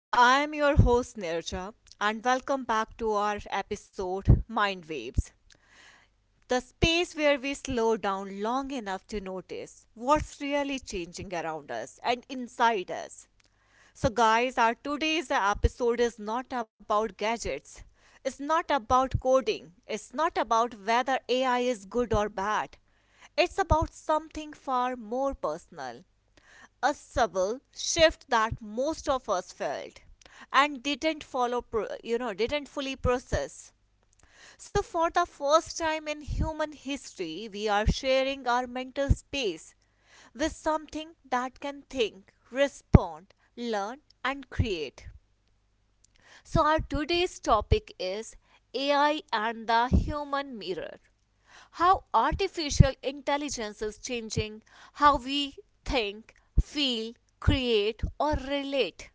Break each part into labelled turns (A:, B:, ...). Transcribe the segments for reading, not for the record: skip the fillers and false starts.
A: So, I am your host Nirja, and welcome back to our episode Mind Waves, the space where we slow down long enough to notice what's really changing around us and inside us. So, guys, our today's episode is not about gadgets, it's not about coding, it's not about whether AI is good or bad. It's about something far more personal, a subtle shift that most of us felt and didn't follow pro- you know didn't fully process, so for the first time in human history we are sharing our mental space with something that can think, respond, learn, and create. So, our today's topic is AI and the human mirror. How artificial intelligence is changing how we think, feel, create, or relate.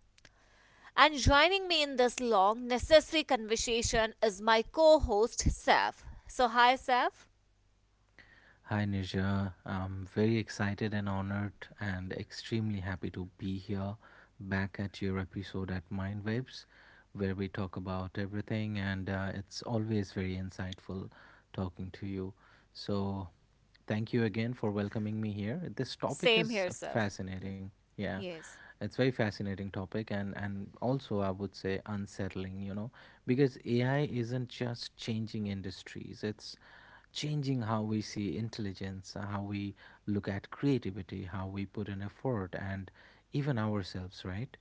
A: And joining me in this long, necessary conversation is my co host, Saf. So, hi, Saf.
B: Hi, Nisha. I'm very excited and honored and extremely happy to be here back at your episode at Mindwaves, where we talk about everything, and it's always very insightful talking to you. So, thank you again for welcoming me here. This topic
A: Same here,
B: is
A: Saf.
B: fascinating. Yeah.
A: Yes.
B: It's very fascinating topic and also I would say unsettling, you know, because AI isn't just changing industries. It's changing how we see intelligence, how we look at creativity, how we put in effort, and even ourselves, right?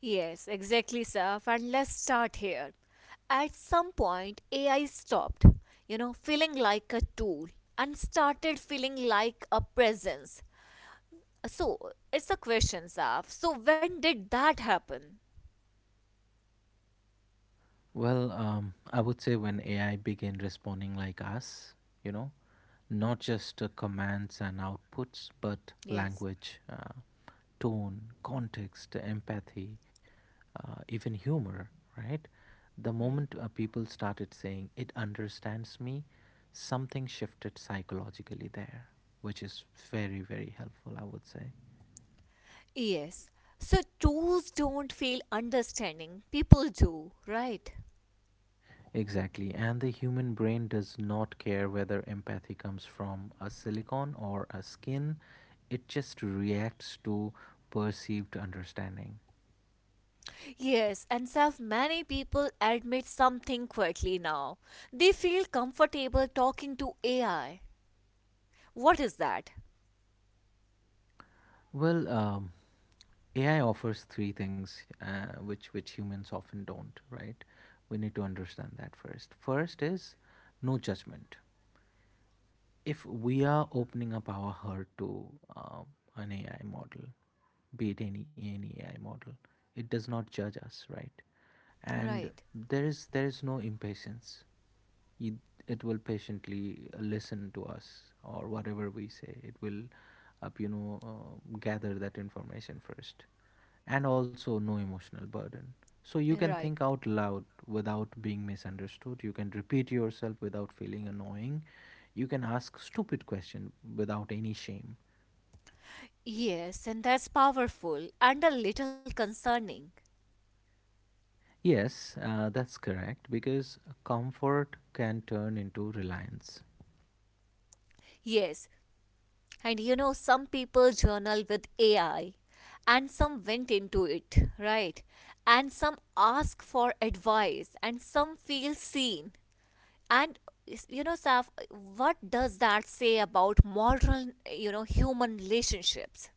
A: Yes, exactly, Saf. And let's start here. At some point, AI stopped, you know, feeling like a tool and started feeling like a presence. So, it's a question, Saf. So, when did that happen?
B: I would say when AI begin responding like us, you know, not just commands and outputs, but
A: Yes.
B: language, tone, context, empathy, even humor, right? The
A: Hmm.
B: moment people started saying, it understands me, something shifted psychologically there, which is very, very helpful, I would say.
A: Yes. So tools don't feel understanding. People do, right?
B: Exactly. And the human brain does not care whether empathy comes from a silicon or a skin, it just reacts to perceived understanding.
A: Yes, and Saf, many people admit something quietly now. They feel comfortable talking to AI. What is that?
B: Well, um, AI offers three things uh, which humans often don't. Right? We need to understand that first. First is no judgment. If we are opening up our heart to um, an AI model, be it any AI model, it does not judge us, right? And
A: Right,
B: there is no impatience. It it will patiently listen to us or whatever we say. It will, gather that information first, and also no emotional burden. So you can
A: right.
B: think out loud without being misunderstood. You can repeat yourself without feeling annoying, you can ask stupid question without any shame.
A: Yes, and that's powerful and a little concerning.
B: Yes, that's correct because comfort can turn into reliance.
A: Yes, and you know, some people journal with AI and some went into it, right? And some ask for advice and some feel seen. And Saf, what does that say about modern, you know, human relationships?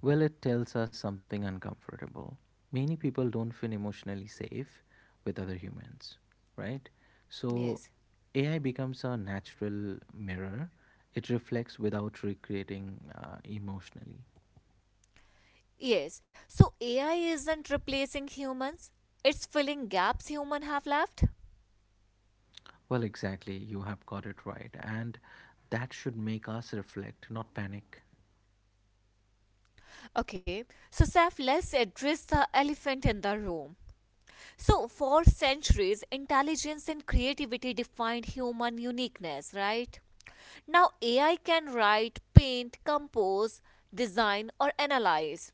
B: Well, it tells us something uncomfortable. Many people don't feel emotionally safe with other humans, right? So
A: Yes.
B: AI becomes a natural mirror. It reflects without recreating emotionally.
A: Yes. So AI isn't replacing humans, it's filling gaps humans have left.
B: Well, exactly. You have got it right. And that should make us reflect, not panic.
A: Okay, so Saf, let's address the elephant in the room. So, for centuries, intelligence and creativity defined human uniqueness, right? Now, AI can write, paint, compose, design, or analyze.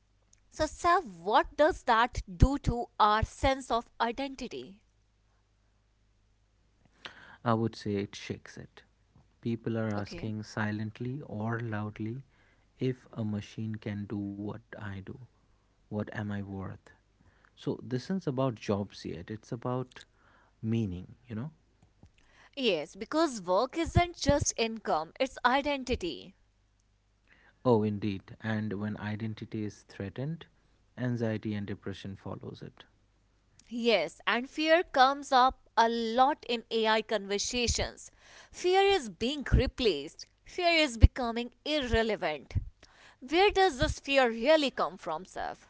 A: So, Saf, what does that do to our sense of identity?
B: I would say it shakes it. People are
A: Okay.
B: asking silently or loudly if a machine can do what I do. What am I worth? So, this isn't about jobs yet, it's about meaning, you know?
A: Yes, because work isn't just income, it's identity.
B: Oh, indeed. And when identity is threatened, anxiety and depression follows it.
A: Yes, and fear comes up a lot in AI conversations. Fear is being replaced, fear is becoming irrelevant. Where does this fear really come from, Saf?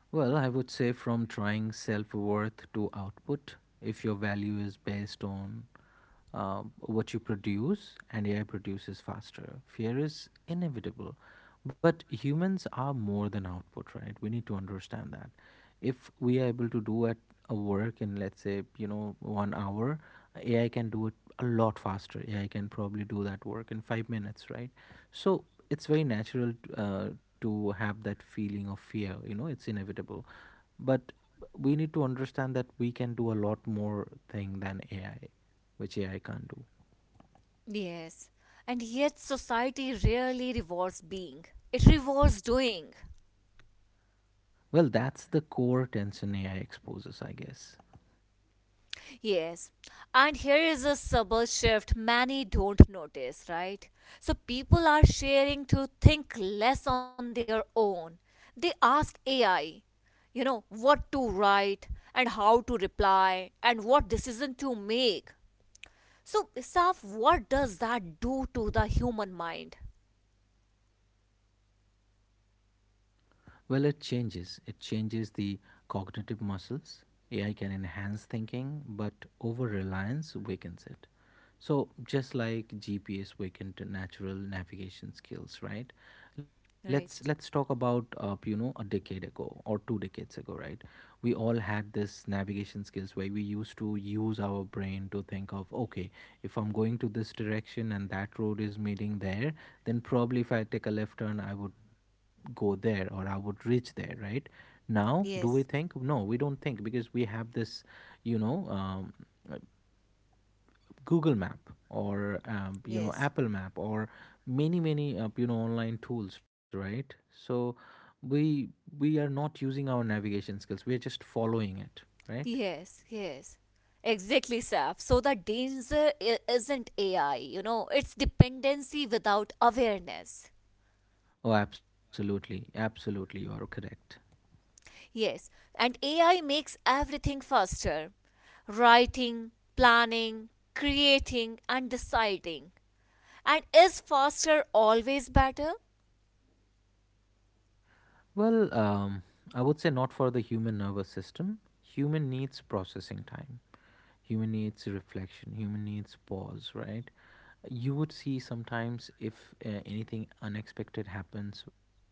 B: Well, I would say from trying self worth to output, if your value is based on what you produce and AI produces faster. Fear is inevitable. But humans are more than output, right? We need to understand that. If we are able to do at a work in let's say, you know, one hour, AI can do it a lot faster. AI can probably do that work in five minutes, right? So it's very natural to have that feeling of fear. You know, it's inevitable. But we need to understand that we can do a lot more thing than AI, which AI can't do.
A: Yes, and yet society rarely rewards being, it rewards doing.
B: Well, that's the core tension AI exposes, I guess.
A: Yes, and here is a subtle shift many don't notice, right? So people are sharing to think less on their own. They ask AI, you know, what to write and how to reply and what decision to make. So, Saf, what does that do to the human mind?
B: Well, it changes. It changes the cognitive muscles. AI can enhance thinking, but over reliance weakens it. So just like GPS weakened natural navigation skills, right? Let's
A: Right.
B: let's talk about you know, a decade ago or two decades ago, right? We all had this navigation skills where we used to use our brain to think of, okay, if I'm going to this direction and that road is meeting there, then probably if I take a left turn, I would go there or I would reach there, right? Now, do we
A: Yes,
B: think? No, we don't think because we have this, you know, um, uh, Google Map or you know,
A: yes.
B: Apple Map or many many you know, online tools, right? So we we are not using our navigation skills. We are just following it, right?
A: Yes, yes. Exactly, Saf. So the danger isn't AI, you know, it's dependency without awareness.
B: Oh, absolutely, absolutely, you are correct.
A: Yes, and AI makes everything faster, writing, planning, creating, and deciding. And is faster always better?
B: Well, um, I would say not for the human nervous system. Human needs processing time, human needs reflection, human needs pause, right? You would see sometimes if anything unexpected happens with us,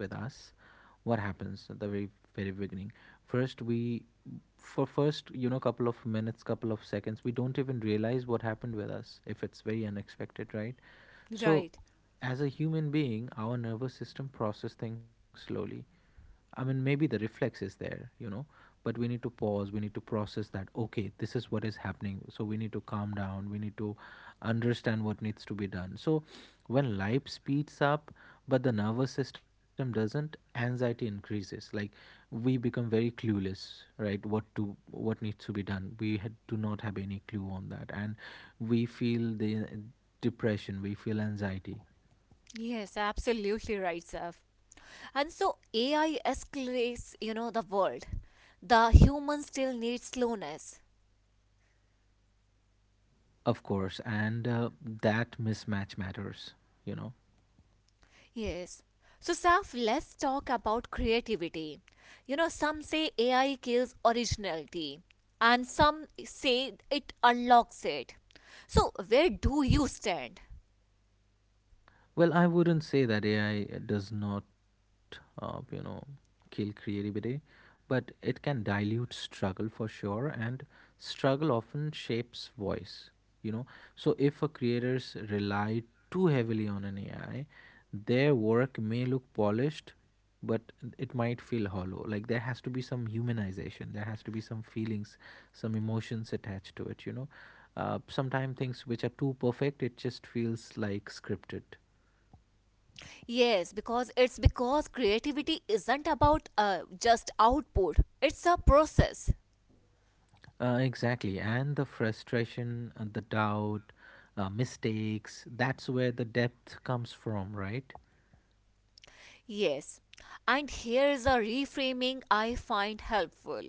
B: what happens at the very very beginning, first we, for first, you know, couple of minutes, couple of seconds, we don't even realize what happened with us if it's very unexpected, right? So
A: Right.
B: as a human being our nervous system process things slowly. I mean, maybe the reflex is there, you know, but we need to pause. We need to process that. Okay, this is what is happening. So we need to calm down. We need to understand what needs to be done. So when life speeds up, but the nervous system doesn't, anxiety increases. Like we become very clueless, right? What to what needs to be done. We had, do not have any clue on that, and we feel the depression. We feel anxiety,
A: Yes, absolutely right, Saf. And so AI escalates, you know, the world. The human still needs slowness.
B: of course, and that mismatch matters, you know.
A: Yes. So, Saf, let's talk about creativity. You know, some say AI kills originality, and some say it unlocks it. So, where do you stand?
B: Well, I wouldn't say that AI does not, kill creativity, but it can dilute struggle for sure, and struggle often shapes voice, you know. So if a creators rely too heavily on an AI, their work may look polished, but it might feel hollow. Like there has to be some humanization, there has to be some feelings, some emotions attached to it, you know. Sometimes things which are too perfect, it just feels like scripted.
A: Yes, because creativity isn't about just output, it's a process.
B: Exactly. And the frustration, the doubt, mistakes, that's where the depth comes from, right?
A: Yes. And here is a reframing I find helpful.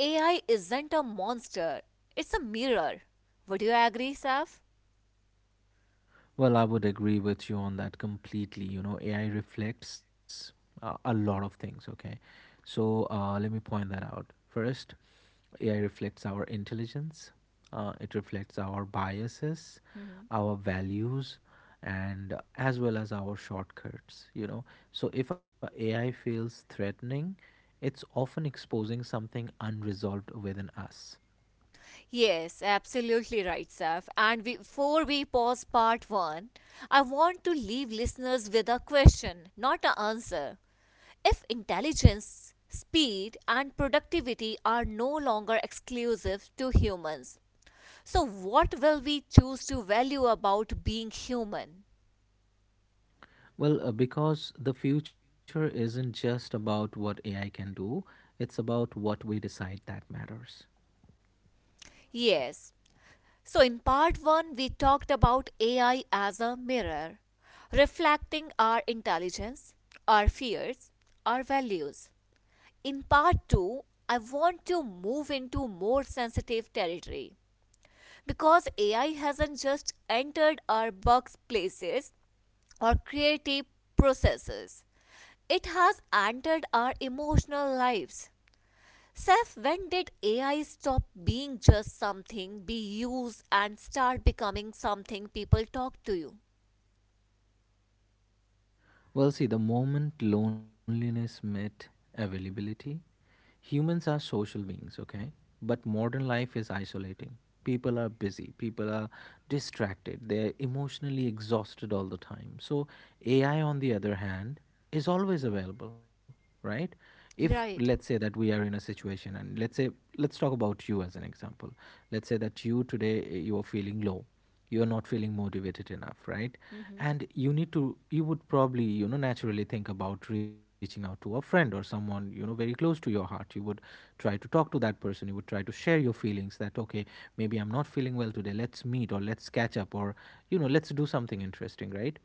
A: AI isn't a monster, it's a mirror. Would you agree, Saf?
B: Well, I would agree with you on that completely. You know, AI reflects a lot of things, okay? So let me point that out. First, AI reflects our intelligence, it reflects our biases, our values, and as well as our shortcuts, you know. So if a AI feels threatening, it's often exposing something unresolved within us.
A: Yes, absolutely right, Saf. And before we pause part one, I want to leave listeners with a question, not an answer. If intelligence, speed, and productivity are no longer exclusive to humans, so what will we choose to value about being human?
B: Because the future isn't just about what AI can do, it's about what we decide that matters.
A: Yes. So, in part one, we talked about AI as a mirror, reflecting our intelligence, our fears, our values. In part 2, I want to move into more sensitive territory because AI hasn't just entered our workplaces or creative processes, it has entered our emotional lives. Seth, when did AI stop being just something be used and start becoming something people talk to you?
B: Well, see, the moment loneliness met availability, humans are social beings, okay? But modern life is isolating. People are busy, people are distracted, they're emotionally exhausted all the time. So, AI, on the other hand, is always available, right? If let's say
A: Right.
B: that we are in a situation, and let's say, let's talk about you as an example. Let's say that you today you are feeling low, you're not feeling motivated enough, right?
A: Mm-hmm.
B: And you need to, you would probably, you know, naturally think about reaching out to a friend or someone you know very close to your heart. You would try to talk to that person, you would try to share your feelings that, okay, maybe I'm not feeling well today, let's meet or let's catch up or, you know, let's do something interesting, right?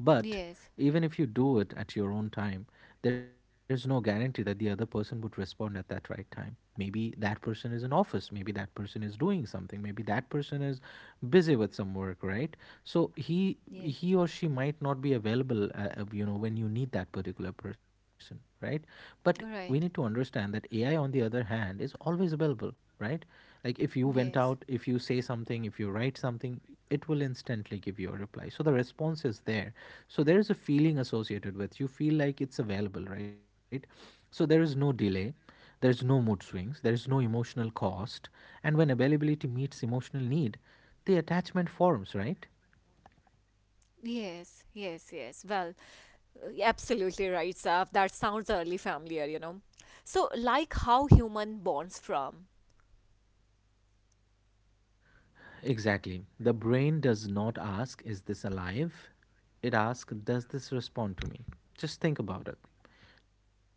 B: But
A: Yes.
B: even if you do it at your own time, there is no guarantee that the other person would respond at that right time. Maybe that person is in office, maybe that person is doing something, maybe that person is busy with some work, right? So he
A: Yeah.
B: he or she might not be available, you know, when you need that particular person, right? But we need
A: All
B: to
A: right.
B: understand that AI, on the other hand, is always available, right? Like if you went
A: Yes.
B: out, if you say something, if you write something, it will instantly give you a reply. So the response is there. So there is a feeling associated with, you feel like it's available, right? So there is no delay, there is no mood swings, there is no emotional cost, and when availability meets emotional need, the attachment forms, right?
A: Yes, yes, yes. Well, absolutely right, Saf. That sounds early familiar, you know. So, like how human bonds from.
B: Exactly. The brain does not ask, is this alive? It asks, does this respond to me? Just think about it.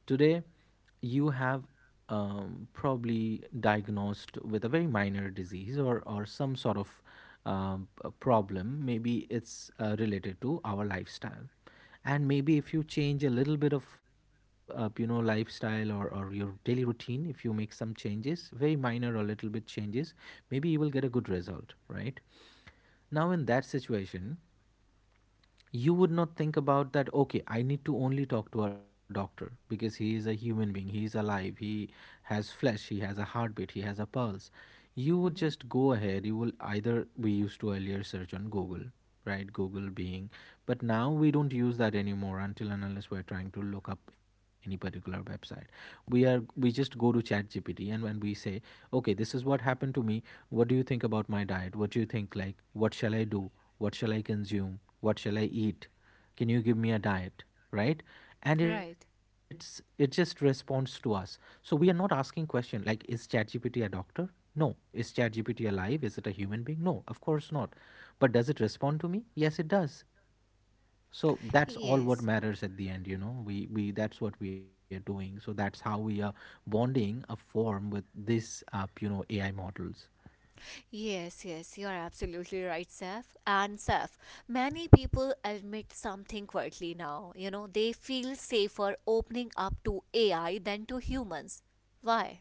B: Today, you have probably diagnosed with a very minor disease or some sort of a problem. Maybe it's related to our lifestyle. And maybe if you change a little bit of, you know, lifestyle or your daily routine, if you make some changes, very minor or little bit changes, maybe you will get a good result, right? Now, in that situation, you would not think about that. Okay, I need to only talk to a doctor because he is a human being, he is alive, he has flesh, he has a heartbeat, he has a pulse. You would
A: Hmm.
B: just go ahead, you will either we used to earlier search on Google, right? Google being, but now we don't use that anymore until and unless we're trying to look up any particular website. We are we just go to ChatGPT. And when we say, okay, this is what happened to me, what do you think about my diet? What do you think, like, what shall I do? What shall I consume? What shall I eat? Can you give me a diet, right? And it's
A: Right.
B: it just responds to us. So we are not asking question like, is ChatGPT a doctor? No. Is ChatGPT alive? Is it a human being? No, of course not. But does it respond to me? Yes, it does. So that's all what
A: Yes.
B: matters at the end. You know, we, that's what we are doing. So that's how we are bonding a form with this AI models.
A: Yes, yes, you're absolutely right, Saf. And Saf, many people admit something quietly now. You know, they feel safer opening up to AI than to humans. Why?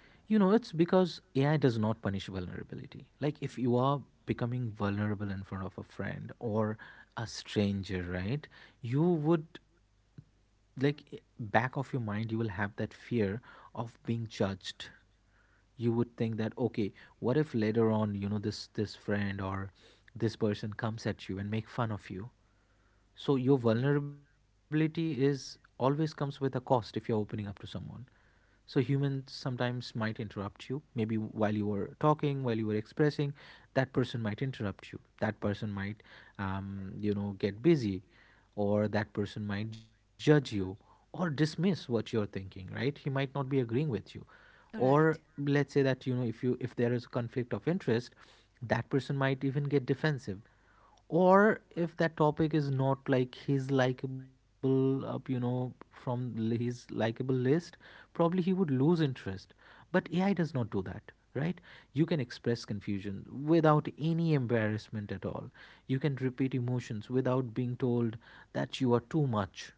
B: You know, it's because AI does not punish vulnerability. Like, if you are becoming vulnerable in front of a friend or a stranger, right? You would, like, back of your mind, you will have that fear of being judged. You would think that, okay, what if later on, you know, this friend or this person comes at you and make fun of you? So your vulnerability is always comes with a cost if you're opening up to someone. So humans sometimes might interrupt you. Maybe while you were talking, while you were expressing, that person might interrupt you. That person might, you know, get busy, or that person might judge you, or dismiss what you're thinking, right? He might not be agreeing with you, or
A: Right.
B: let's say that, you know, if you if there is a conflict of interest, that person might even get defensive. Or if that topic is not like his likable up, you know, from his likable list, probably he would lose interest. But AI does not do that, right? You can express confusion without any embarrassment at all. You can repeat emotions without being told that you are too much.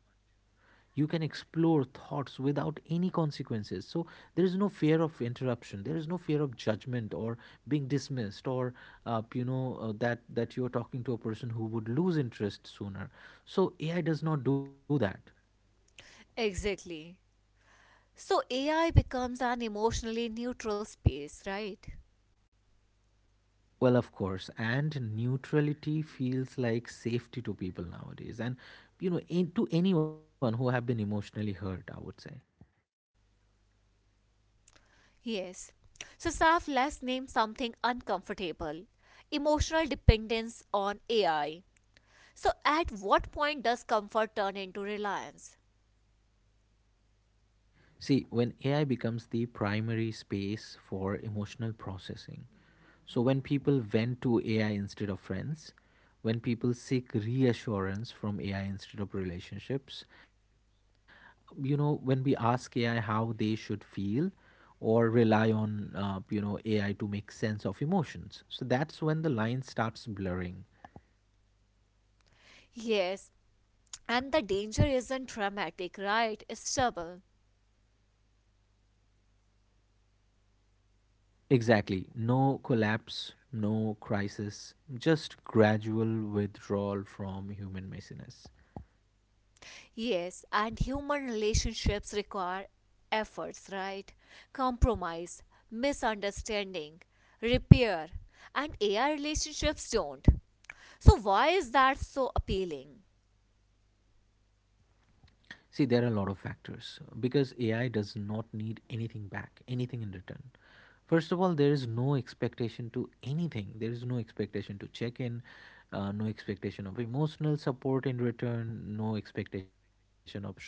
B: You can explore thoughts without any consequences. So there is no fear of interruption, there is no fear of judgment or being dismissed, or that you're talking to a person who would lose interest sooner. So AI does not do that.
A: Exactly. So AI becomes an emotionally neutral space, right?
B: Well, of course. And neutrality feels like safety to people nowadays. And you know, to anyone who have been emotionally hurt, I would say,
A: Yes. So Saf, let's name something uncomfortable. Emotional dependence on AI. So at what point does comfort turn into reliance?
B: see, when AI becomes the primary space for emotional processing. So when people went to AI instead of friends, when people seek reassurance from AI instead of relationships, you know, when we ask AI how they should feel or rely on, you know, AI to make sense of emotions. So that's when the line starts blurring.
A: Yes. And the danger isn't dramatic, right? It's trouble.
B: Exactly. No collapse, no crisis, just gradual withdrawal from human messiness.
A: Yes. And human relationships require efforts, right? Compromise, misunderstanding, repair. And AI relationships don't. So why is that so appealing?
B: See, there are a lot of factors because AI does not need anything back, anything in return. First of all, there is no expectation to anything. There is no expectation to check in, no expectation of emotional support in return, no expectation of show up,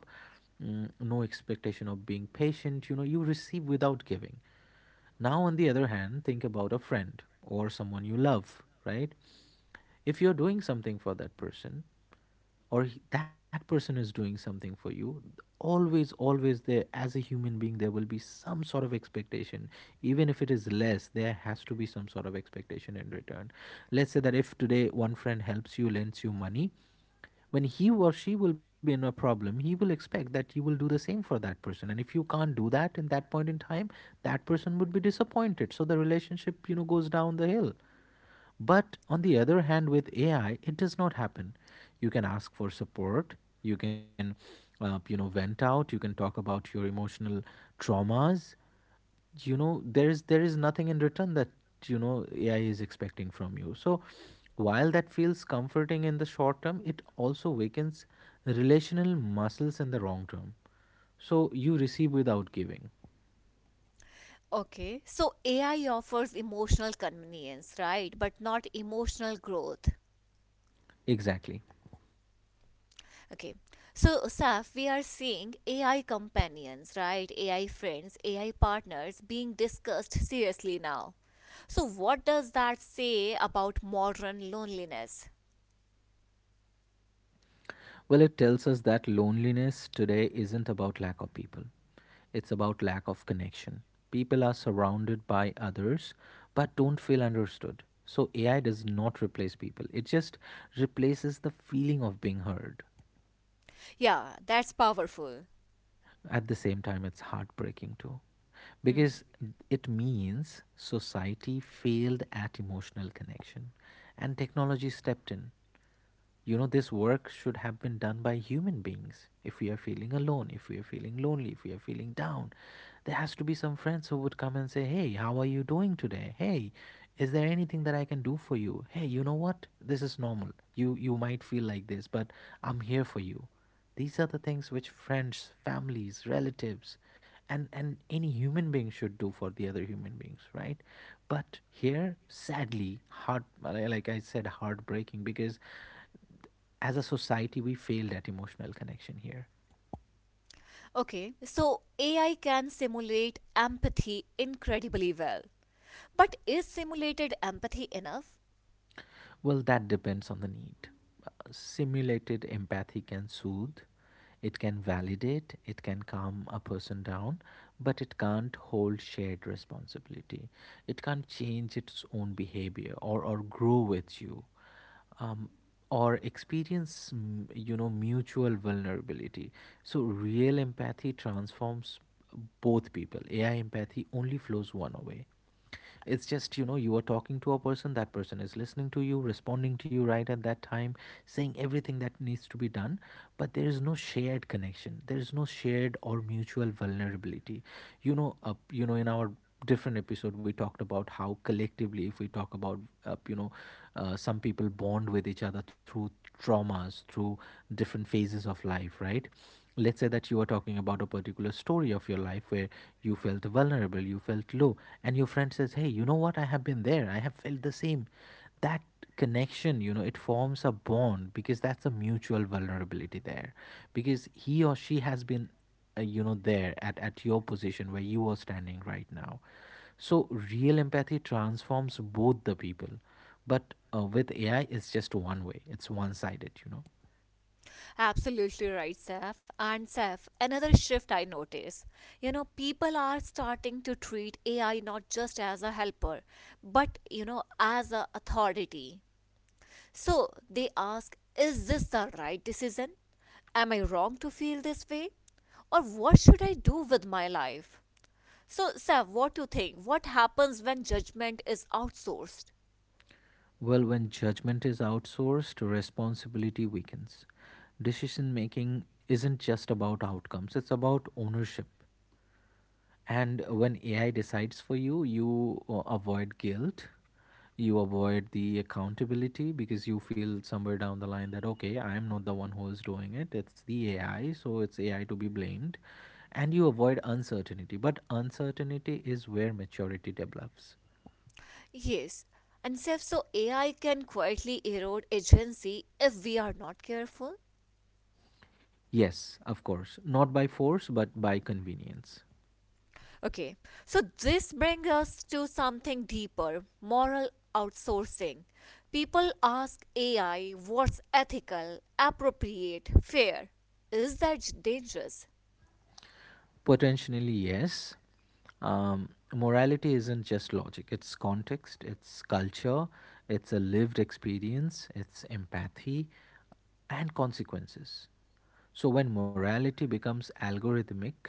B: no expectation of being patient. You know, you receive without giving. Now, on the other hand, think about a friend or someone you love, right? If you're doing something for that person, or that person is doing something for you, always there as a human being, there will be some sort of expectation. Even if it is less, there has to be some sort of expectation in return. Let's say that if today one friend helps you, lends you money, when he or she will be in a problem, he will expect that you will do the same for that person. And if you can't do that in that point in time, that person would be disappointed. So the relationship, you know, goes down the hill. But on the other hand, with AI, it does not happen. You can ask for support. You can, you know, vent out. You can talk about your emotional traumas. You know, there is nothing in return that, you know, AI is expecting from you. So, while that feels comforting in the short term, it also weakens relational muscles in the long term. So you receive without giving.
A: Okay, so AI offers emotional convenience, right? But not emotional growth.
B: Exactly.
A: Okay, so Saf, we are seeing AI companions, right? AI friends, AI partners being discussed seriously now. So, what does that say about modern loneliness?
B: Well, it tells us that loneliness today isn't about lack of people. It's about lack of connection. People are surrounded by others but don't feel understood. So AI does not replace people, it just replaces the feeling of being heard.
A: Yeah, that's powerful.
B: At the same time, it's heartbreaking too,
A: Mhm.
B: because it means society failed at emotional connection and technology stepped in. You know, this work should have been done by human beings. If we are feeling alone, if we are feeling lonely, if we are feeling down, there has to be some friends who would come and say, hey, how are you doing today? Hey, is there anything that I can do for you? Hey, you know what, this is normal, you might feel like this, but I'm here for you. These are the things which friends, families, relatives and any human being should do for the other human beings, right? But here, sadly, heart like I said, heartbreaking, because as a society, we failed at emotional connection here.
A: Okay, so AI can simulate empathy incredibly well. But is simulated empathy enough?
B: Well, that depends on the need. Simulated empathy can soothe, it can validate, it can calm a person down, but it can't hold shared responsibility. It can't change its own behavior or grow with you. Um, or experience you know, mutual vulnerability. So real empathy transforms both people. AI empathy only flows one way. It's just, you know, you are talking to a person, that person is listening to you, responding to you right at that time, saying everything that needs to be done. But there is no shared connection, there is no shared or mutual vulnerability. You know, in our different episode we talked about how, collectively, if we talk about, uh, you know some people bond with each other through traumas, through different phases of life, right? Let's say that you are talking about a particular story of your life where you felt vulnerable, you felt low, and your friend says, hey, you know what, I have been there, I have felt the same. That connection, you know, it forms a bond because that's a mutual vulnerability there, because he or she has been, you know, there at your position where you are standing right now. So real empathy transforms both the people. But with AI, it's just one way, it's one sided, you know.
A: Absolutely right, Saf. And Saf, another shift I notice. You know, people are starting to treat AI not just as a helper, but you know, as a authority. So they ask, is this the right decision? Am I wrong to feel this way? Or what should I do with my life? So, Saf, what do you think? What happens when judgment is outsourced?
B: Well, when judgment is outsourced, responsibility weakens. Decision making isn't just about outcomes, it's about ownership. And when AI decides for you, you avoid guilt, you avoid the accountability because you feel somewhere down the line that, okay, I am not the one who is doing it, it's the AI, so it's AI to be blamed. And you avoid uncertainty, but uncertainty is where maturity develops.
A: Yes. And Seth, so AI can quietly erode agency if we are not careful.
B: Yes, of course, not by force, but by convenience.
A: Okay, so this brings us to something deeper, moral outsourcing. People ask AI what's ethical, appropriate, fair. Is that dangerous?
B: Potentially, yes. Morality isn't just logic, it's context, it's culture, it's a lived experience, it's empathy, and consequences. So when morality becomes algorithmic,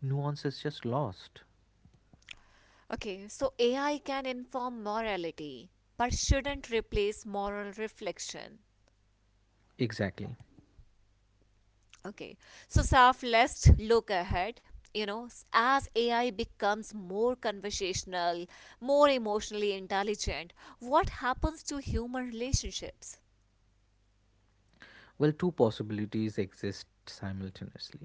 B: nuance is just lost.
A: Okay, so AI can inform morality but shouldn't replace moral reflection.
B: Exactly.
A: Okay, so Saf, let's look ahead. You know, as AI becomes more conversational, more emotionally intelligent, what happens to human relationships?
B: Well, two possibilities exist simultaneously.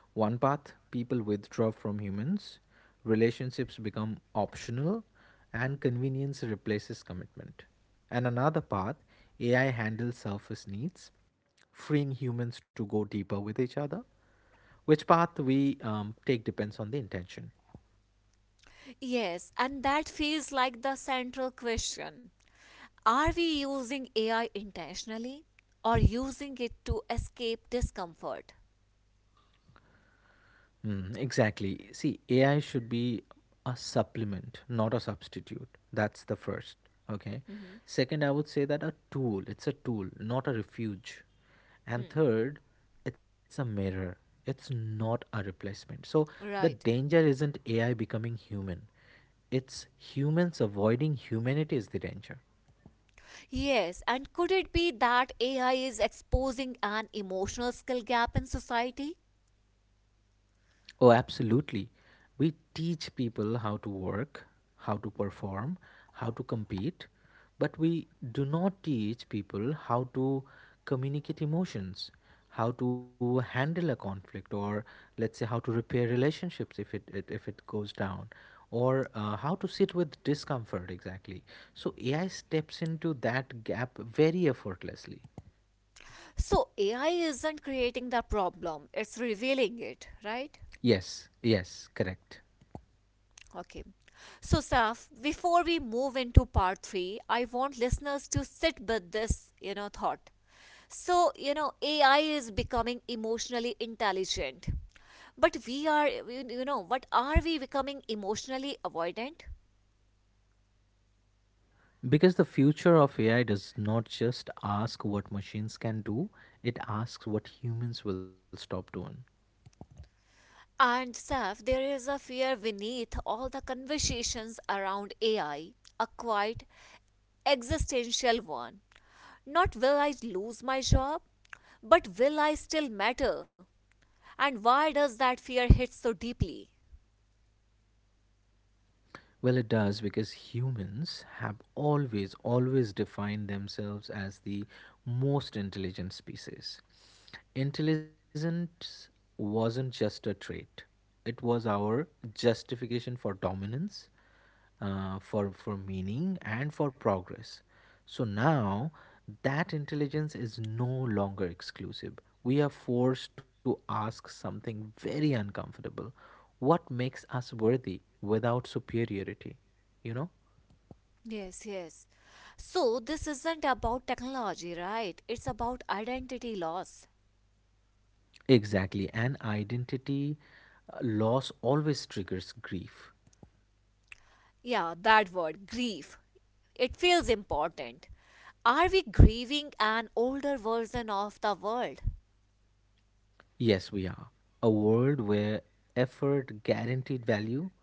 B: One path, people withdraw from humans, relationships become optional, and convenience replaces commitment. And another path, AI handles surface needs, freeing humans to go deeper with each other. Which path we take depends on the intention.
A: Yes, and that feels like the central question. Are we using AI intentionally or using it to escape discomfort?
B: Mm, exactly. See, AI should be a supplement, not a substitute. That's the first. Okay.
A: Mhm.
B: Second, I would say that a tool, it's a tool, not a refuge. And
A: Hmm.
B: third, it's a mirror, it's not a replacement. So the
A: Right.
B: danger isn't AI becoming human, it's humans avoiding humanity is the danger.
A: Yes, and could it be that AI is exposing an emotional skill gap in society?
B: Oh, absolutely. We teach people how to work, how to perform, how to compete, but we do not teach people how to communicate emotions, how to handle a conflict, or let's say how to repair relationships if it, if it goes down, or how to sit with discomfort, exactly. So AI steps into that gap very effortlessly.
A: So AI isn't creating the problem, it's revealing it, right?
B: Yes, yes, correct.
A: Okay. So, Saf, before we move into part three, I want listeners to sit with this, you know, thought. So, you know, AI is becoming emotionally intelligent. But we are, you know, what are we becoming emotionally avoidant?
B: Because the future of AI does not just ask what machines can do, it asks what humans will stop doing.
A: And, Saf, there is a fear beneath all the conversations around AI, a quiet, existential one. Not will I lose my job, but will I still matter? And why does that fear hit so deeply?
B: Well, it does because humans have always defined themselves as the most intelligent species. Intelligence wasn't just a trait, it was our justification for dominance, for meaning and for progress. So now that intelligence is no longer exclusive. We are forced to ask something very uncomfortable. What makes us worthy without superiority? You know?
A: Yes, yes. So this isn't about technology, right? It's about identity loss.
B: Exactly. And identity loss always triggers grief.
A: Yeah, that word, grief. It feels important. Are we grieving an older version of the world?
B: Yes, we are. A world where effort guaranteed value,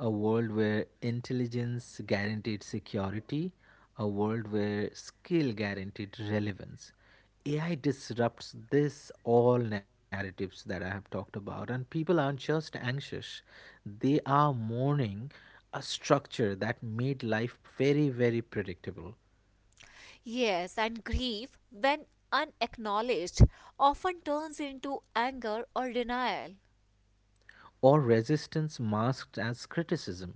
B: a world where intelligence guaranteed security, a world where skill guaranteed relevance. AI disrupts this all narratives that I have talked about, and people aren't just anxious, they are mourning a structure that made life very, very predictable.
A: Yes, and grief, when unacknowledged, often turns into anger or denial.
B: Or resistance masked as criticism.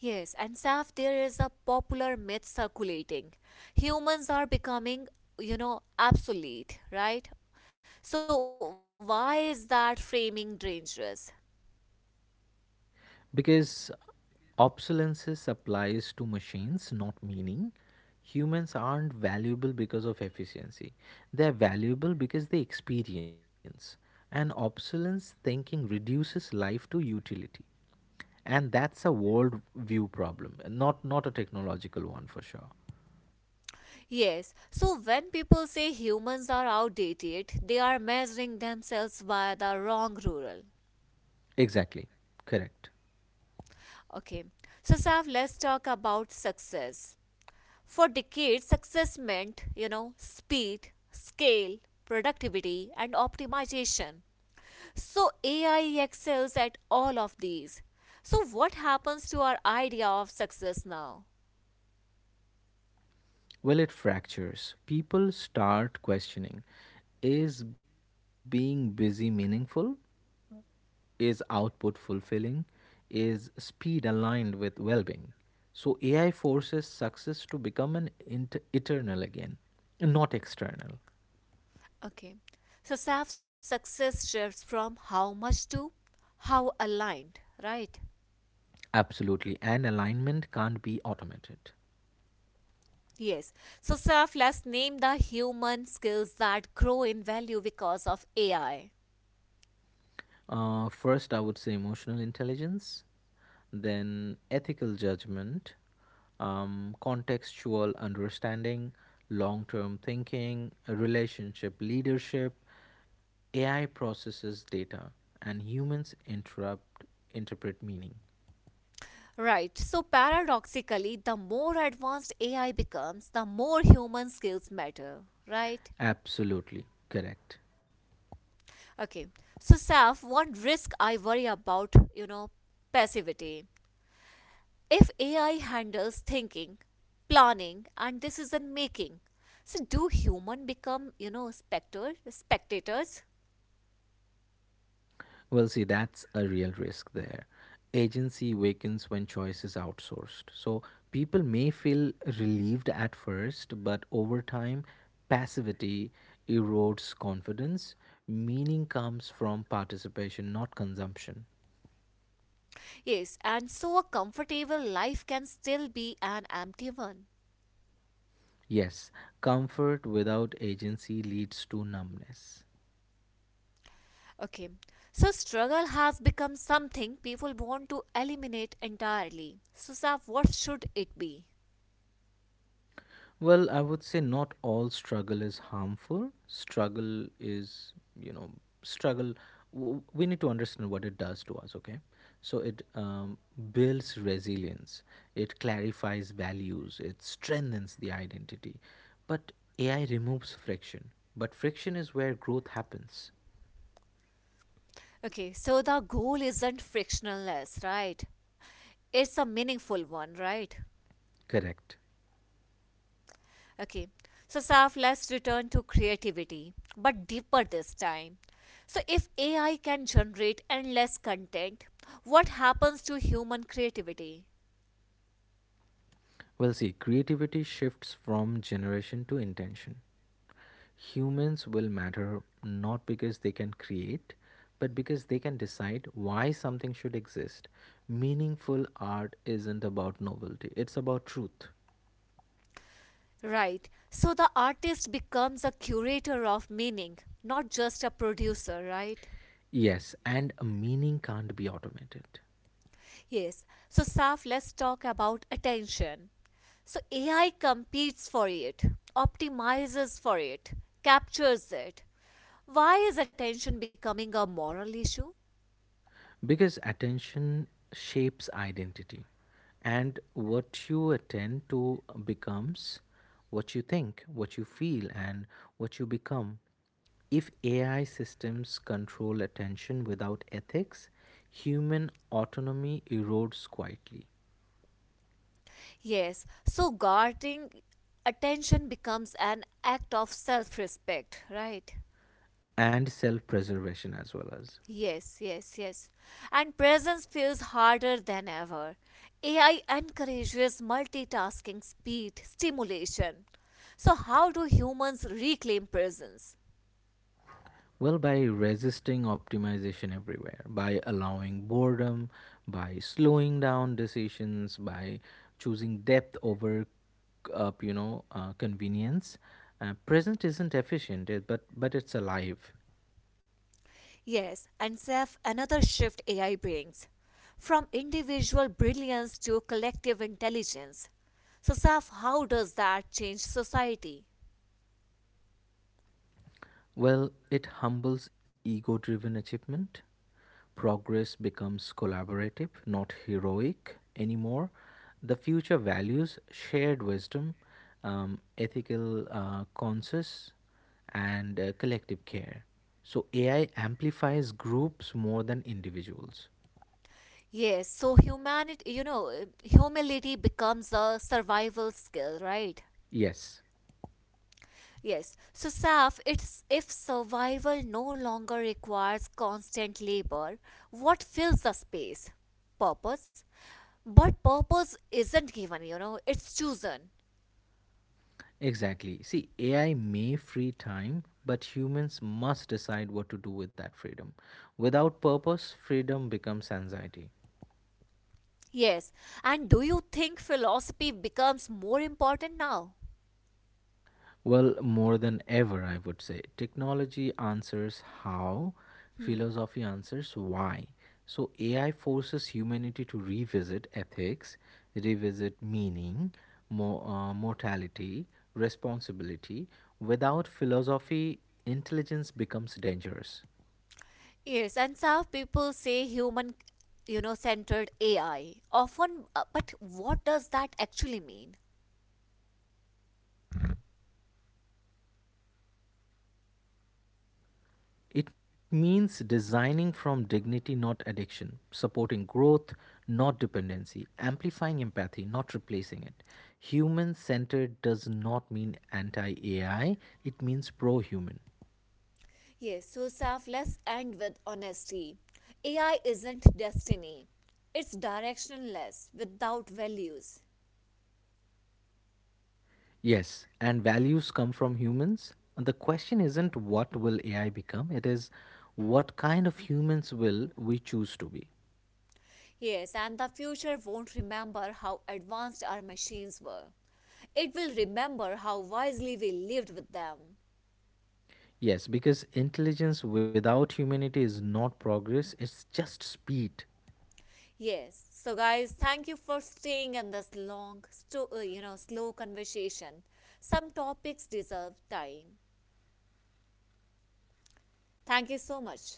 A: Yes, and Saf, there is a popular myth circulating. Humans are becoming, you know, obsolete, right? So, why is that framing dangerous?
B: Because obsolescence applies to machines, not meaning. Humans aren't valuable because of efficiency. They're valuable because they experience. And obsolescence thinking reduces life to utility. And that's a world view problem, not a technological one for sure.
A: Yes, so when people say humans are outdated, they are measuring themselves by the wrong rural.
B: Exactly. Correct.
A: Okay, so Saf, let's talk about success. For decades, success meant, you know, speed, scale, productivity, and optimization. So AI excels at all of these. So what happens to our idea of success now?
B: Well, it fractures. People start questioning, is being busy meaningful? Is output fulfilling? Is speed aligned with well being? So AI forces success to become an eternal again, not external.
A: Okay. So self success shifts from how much to how aligned, right?
B: Absolutely. And alignment can't be automated.
A: Yes. So self let's name the human skills that grow in value because of AI.
B: First, I would say emotional intelligence, then ethical judgment, contextual understanding, long term thinking, relationship leadership. AI processes data and humans interrupt interpret meaning.
A: Right. So paradoxically, the more advanced AI becomes, the more human skills matter, right?
B: Absolutely correct.
A: Okay. So, Saf, one risk I worry about, you know, passivity. If AI handles thinking, planning, and decision making, so do human become, you know, Spectators?
B: Well, see, that's a real risk there. Agency weakens when choice is outsourced. So people may feel relieved at first, but over time, passivity erodes confidence. Meaning comes from participation, not consumption.
A: Yes. And so, a comfortable life can still be an empty one.
B: Yes, comfort without agency leads to numbness.
A: Okay. So, struggle has become something people want to eliminate entirely. So, Saf, what should it be?
B: Well, I would say not all struggle is harmful. Struggle is, you know, struggle. We need to understand what it does to us, okay? So it builds resilience, it clarifies values, it strengthens the identity. But AI removes friction. But friction is where growth happens.
A: Okay, so the goal isn't frictionless, right? It's a meaningful one, right?
B: Correct.
A: Okay. So, Saf, let's return to creativity, but deeper this time. So, if AI can generate endless content, what happens to human creativity?
B: Well, see, creativity shifts from generation to intention. Humans will matter not because they can create, but because they can decide why something should exist. Meaningful art isn't about novelty, it's about truth.
A: Right. So, the artist becomes a curator of meaning, not just a producer, right?
B: Yes, and a meaning can't be automated,
A: Yes. So, Saf, let's talk about attention. So, AI competes for it, optimizes for it, captures it. Why is attention becoming a moral issue?
B: because attention shapes identity, and what you attend to becomes what you think, what you feel, and what you become. If AI systems control attention without ethics, human autonomy erodes quietly
A: Yes, so guarding attention becomes an act of self respect, right?
B: and self preservation as.
A: Yes, yes, yes. And presence feels harder than ever. AI encourages multitasking, speed, stimulation. So, how do humans reclaim presence?
B: Well, by resisting optimization everywhere, by allowing boredom, by slowing down decisions, by choosing depth over convenience, present isn't efficient, but it's alive.
A: Yes, and Seth, another shift AI brings from individual brilliance to collective intelligence. So, Seth, how does that change society?
B: Well, it humbles ego-driven achievement. Progress becomes collaborative, not heroic anymore. The future values shared wisdom, ethical conscience, and collective care. So AI amplifies groups more than individuals.
A: Yes, so humanity, you know, humility becomes a survival skill, right?
B: Yes,
A: Yes. So, Saf, it's if survival no longer requires constant labor, what fills the space? Purpose. But purpose isn't given, you know, it's chosen.
B: exactly. See, AI may free time, but humans must decide what to do with that freedom. Without purpose, freedom becomes anxiety.
A: Yes. And do you think philosophy becomes more important now?
B: Well, more than ever, I would say. Technology answers how,
A: Hmm.
B: philosophy answers why. So, AI forces humanity to revisit ethics, revisit meaning, mortality, responsibility. Without philosophy, intelligence becomes dangerous.
A: Yes, and some people say human you know centered AI. Often but what does that actually mean?
B: It means designing from dignity, not addiction, supporting growth, not dependency, amplifying empathy, not replacing it. Human centered does not mean anti AI, it means pro human.
A: Yes, so Saf, let's end with honesty. AI isn't destiny. It's directionless without values.
B: Yes, and values come from humans. And the question isn't what will AI become, it is what kind of humans will we choose to be.
A: Yes, and the future won't remember how advanced our machines were. It will remember how wisely we lived with them.
B: Yes, because intelligence without humanity is not progress, it's just speed.
A: Yes. So, guys, thank you for staying in this long, you know, slow conversation. Some topics deserve time. Thank you so much,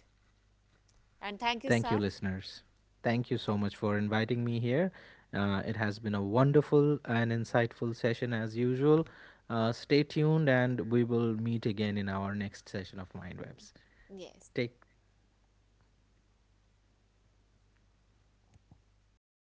A: and thank you,
B: Thank you,
A: Saf.
B: listeners. Thank you so
A: Thank
B: much for inviting me here. It has been a wonderful and insightful session as usual. Stay tuned and we will meet again in our next session of Mindwebs.
A: yes.
B: Take